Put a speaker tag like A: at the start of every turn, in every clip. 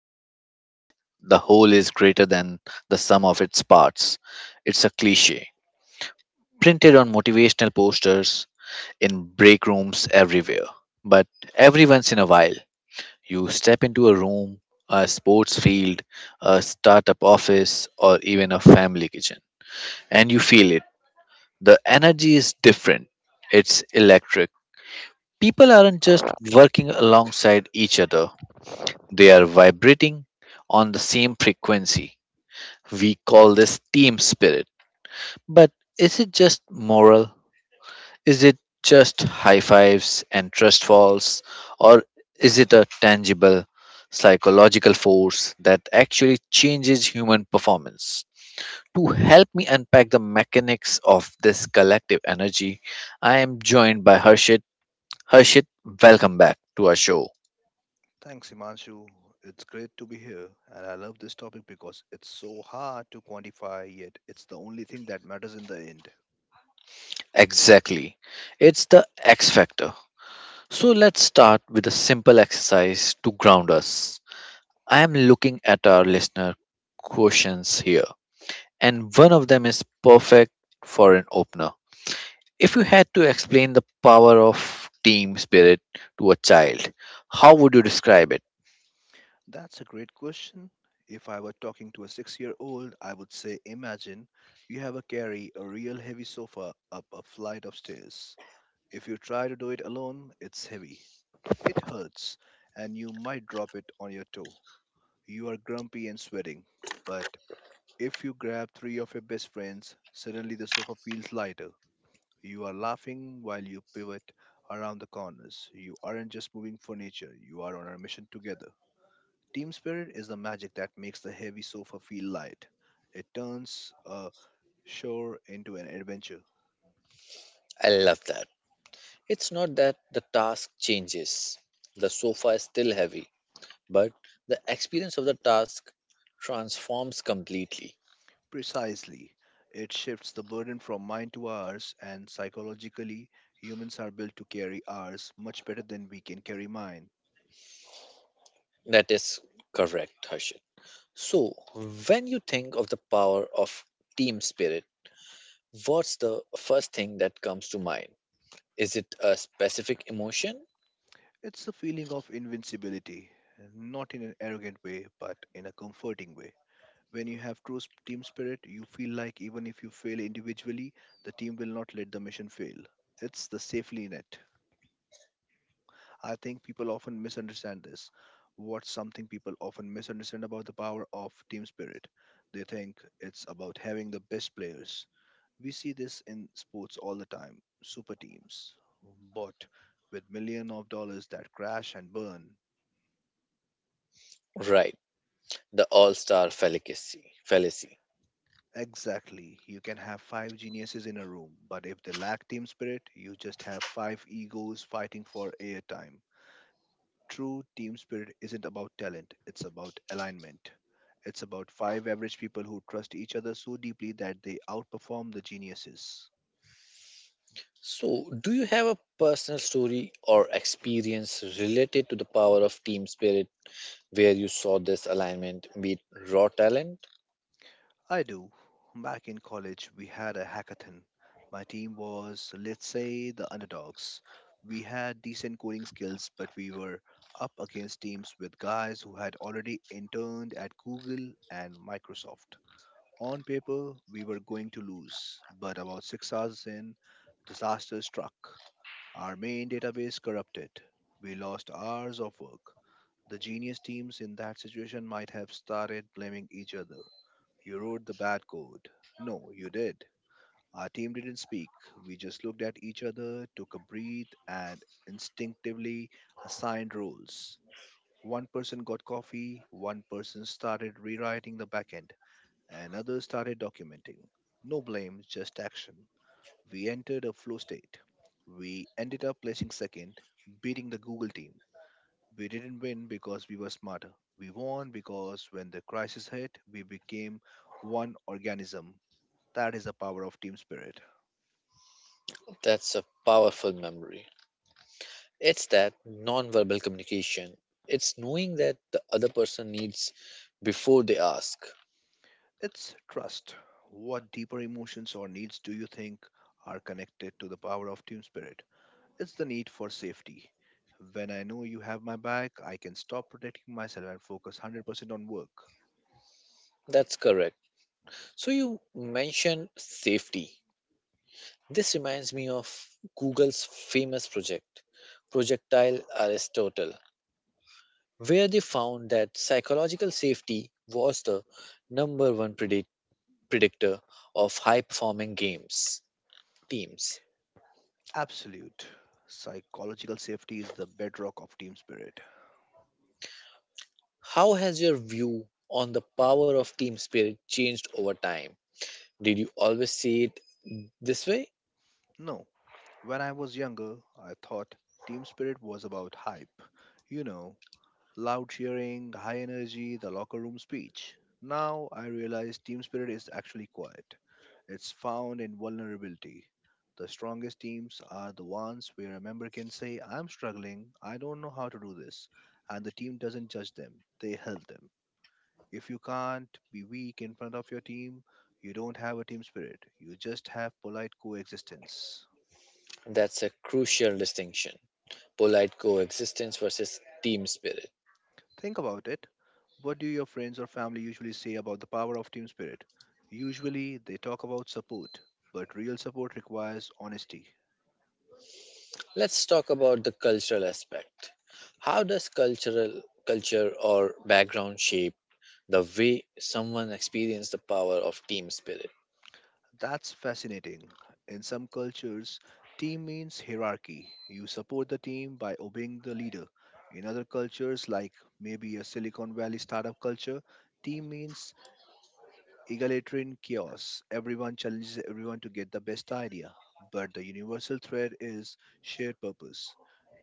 A: hear the phrase, the whole is greater than the sum of its parts. It's a cliche, printed on motivational posters in break rooms everywhere. But every once in a while, you step into a room, a sports field, a startup office, or even a family kitchen, and you feel it. The energy is different, it's electric. People aren't just working alongside each other, they are vibrating on the same frequency. We call this team spirit. But is it just moral? Is it just high fives and trust falls? Or is it a tangible psychological force that actually changes human performance? To help me unpack the mechanics of this collective energy, I am joined by Harshit. Harshit, welcome back to our show.
B: Thanks, Himanshu. It's great to be here, and I love this topic because it's so hard to quantify, yet it's the only thing that matters in the end.
A: Exactly. It's the X factor. So let's start with a simple exercise to ground us. I am looking at our listener questions here, and one of them is perfect for an opener. If you had to explain the power of team spirit to a child, how would you describe it?
B: That's a great question. If I were talking to a 6 year old, I would say imagine you have a carry a real heavy sofa up a flight of stairs. If you try to do it alone, it's heavy, it hurts, and you might drop it on your toe. You are grumpy and sweating, but if you grab three of your best friends, suddenly the sofa feels lighter. You are laughing while you pivot around the corners. You aren't just moving furniture, you are on a mission together. Team spirit is the magic that makes the heavy sofa feel light. It turns a shore into an adventure.
A: I love that. It's not that the task changes, the sofa is still heavy, but the experience of the task transforms completely.
B: Precisely. It shifts the burden from mine to ours, and psychologically, humans are built to carry ours much better than we can carry mine.
A: That is correct, Harshit. So, when you think of the power of team spirit, what's the first thing that comes to mind? Is it a specific emotion?
B: It's a feeling of invincibility, not in an arrogant way, but in a comforting way. When you have team spirit, you feel like even if you fail individually, the team will not let the mission fail. It's the safely net. I think people often misunderstand this. What's something people often misunderstand about the power of team spirit? They think it's about having the best players. We see this in sports all the time super teams. But with millions of dollars that crash and burn.
A: Right, the all star fallacy.
B: Exactly. You can have five geniuses in a room, but if they lack team spirit, you just have five egos fighting for airtime. True team spirit isn't about talent, it's about alignment. It's about five average people who trust each other so deeply that they outperform the geniuses.
A: So, do you have a personal story or experience related to the power of team spirit where you saw this alignment meet raw talent?
B: I do. Back in college, we had a hackathon. My team was, let's say, the underdogs. We had decent coding skills, but we were up against teams with guys who had already interned at Google and Microsoft. On paper, we were going to lose, but about 6 hours in, disaster struck. Our main database corrupted. We lost hours of work. The genius teams in that situation might have started blaming each other. You wrote the bad code. No, you did. Our team didn't speak. We just looked at each other, took a breath, and instinctively assigned roles. One person got coffee, one person started rewriting the backend, another started documenting. No blame, just action. We entered a flow state. We ended up placing second, beating the Google team. We didn't win because we were smarter. We won because when the crisis hit, we became one organism. That is the power of team spirit.
A: That's a powerful memory. It's that nonverbal communication. It's knowing that the other person needs before they ask.
B: It's trust. What deeper emotions or needs do you think are connected to the power of team spirit? It's the need for safety. When I know you have my back, I can stop protecting myself and focus 100% on work.
A: That's correct. So you mentioned safety. This reminds me of Google's famous project, Projectile Aristotle, where they found that psychological safety was the number one predictor of high performing games teams.
B: Absolute. Psychological safety is the bedrock of team spirit.
A: How has your view on the power of team spirit changed over time? Did you always see it this way?
B: No, when I was younger, I thought team spirit was about hype. You know, Loud cheering, high energy, the locker room speech. Now I realize team spirit is actually quiet. It's found in vulnerability. The strongest teams are the ones where a member can say, I'm struggling, I don't know how to do this. And the team doesn't judge them, they help them. If you can't be weak in front of your team, you don't have a team spirit, you just have polite coexistence.
A: That's a crucial distinction polite coexistence versus team spirit.
B: Think about it. What do your friends or family usually say about the power of team spirit? Usually, they talk about support, but real support requires honesty.
A: Let's talk about the cultural aspect. How does cultural culture or background shape the way someone experiences the power of team spirit?
B: That's fascinating. In some cultures, team means hierarchy. You support the team by obeying the leader. In other cultures, like maybe a Silicon Valley startup culture, team means egalitarian chaos. Everyone challenges everyone to get the best idea, but the universal thread is shared purpose.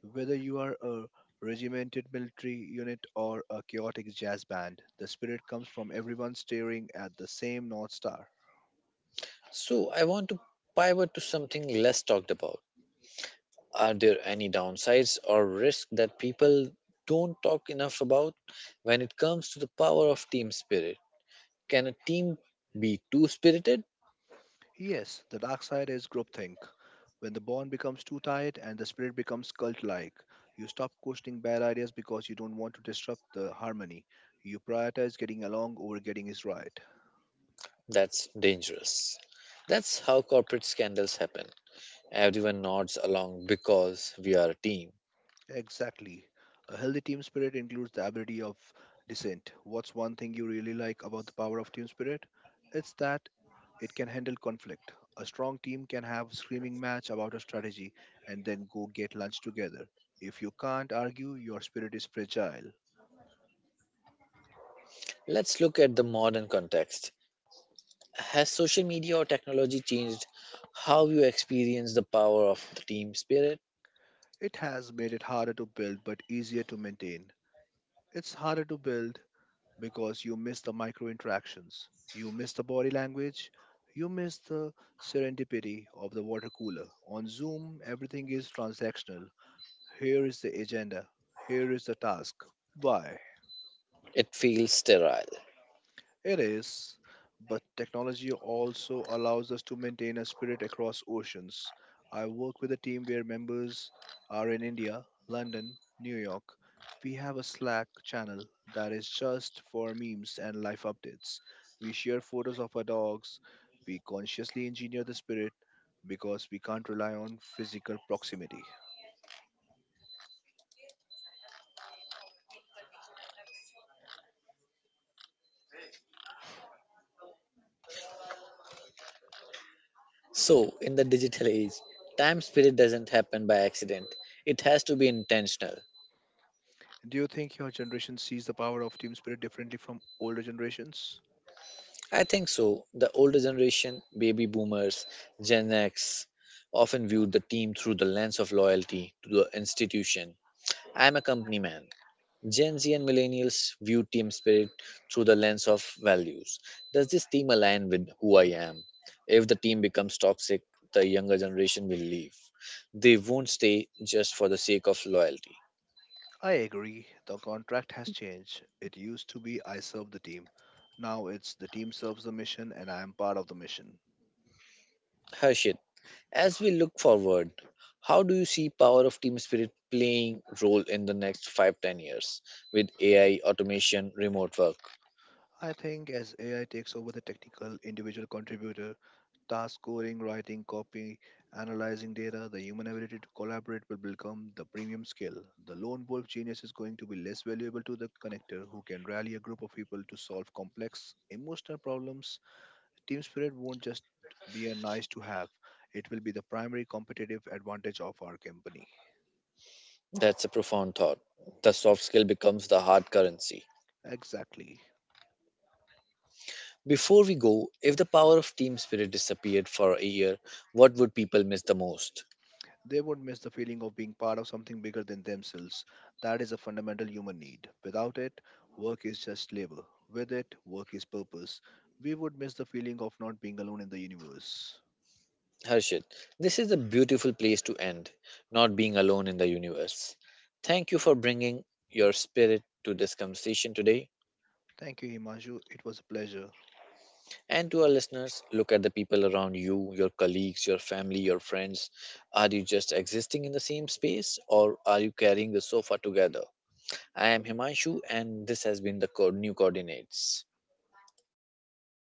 B: Whether you are a regimented military unit or a chaotic jazz band, the spirit comes from everyone staring at the same North Star.
A: So, I want to pivot to something less talked about. Are there any downsides or risks that people don't talk enough about when it comes to the power of team spirit? Can a team be too spirited?
B: Yes, the dark side is groupthink. When the bond becomes too tight and the spirit becomes cult like, you stop questioning bad ideas because you don't want to disrupt the harmony. You prioritize getting along over getting is right.
A: That's dangerous. That's how corporate scandals happen. Everyone nods along because we are a team.
B: Exactly. A healthy team spirit includes the ability of dissent. What's one thing you really like about the power of team spirit? It's that it can handle conflict. A strong team can have a screaming match about a strategy and then go get lunch together. If you can't argue, your spirit is fragile.
A: Let's look at the modern context. Has social media or technology changed how you experience the power of the team spirit?
B: It has made it harder to build but easier to maintain. It's harder to build because you miss the micro interactions, you miss the body language, you miss the serendipity of the water cooler. On Zoom, everything is transactional. Here is the agenda, here is the task. Why?
A: It feels sterile.
B: It is, but technology also allows us to maintain a spirit across oceans. I work with a team where members are in India, London, New York. We have a Slack channel that is just for memes and life updates. We share photos of our dogs. We consciously engineer the spirit because we can't rely on physical proximity.
A: So, in the digital age, time spirit doesn't happen by accident, it has to be intentional.
B: Do you think your generation sees the power of team spirit differently from older generations?
A: I think so. The older generation, baby boomers, Gen X, often viewed the team through the lens of loyalty to the institution. I am a company man. Gen Z and millennials view team spirit through the lens of values. Does this team align with who I am? If the team becomes toxic, the younger generation will leave. They won't stay just for the sake of loyalty.
B: I agree. The contract has changed. It used to be I serve the team. Now it's the team serves the mission and I am part of the mission.
A: Harshit, as we look forward, how do you see power of team spirit playing role in the next 5-10 years with AI, automation, remote work?
B: I think as AI takes over the technical individual contributor, task scoring, writing, copy, analyzing data, the human ability to collaborate will become the premium skill. The lone wolf genius is going to be less valuable to the connector who can rally a group of people to solve complex emotional problems. Team spirit won't just be a nice to have, it will be the primary competitive advantage of our company.
A: That's a profound thought. The soft skill becomes the hard currency.
B: Exactly.
A: Before we go, if the power of team spirit disappeared for a year, what would people miss the most?
B: They would miss the feeling of being part of something bigger than themselves. That is a fundamental human need. Without it, work is just labor. With it, work is purpose. We would miss the feeling of not being alone in the universe.
A: Harshit, this is a beautiful place to end, not being alone in the universe. Thank you for bringing your spirit to this conversation today.
B: Thank you, Himanshu. It was a pleasure.
A: And to our listeners, look at the people around you, your colleagues, your family, your friends. Are you just existing in the same space or are you carrying the sofa together? I am Himanshu and this has been the new coordinates.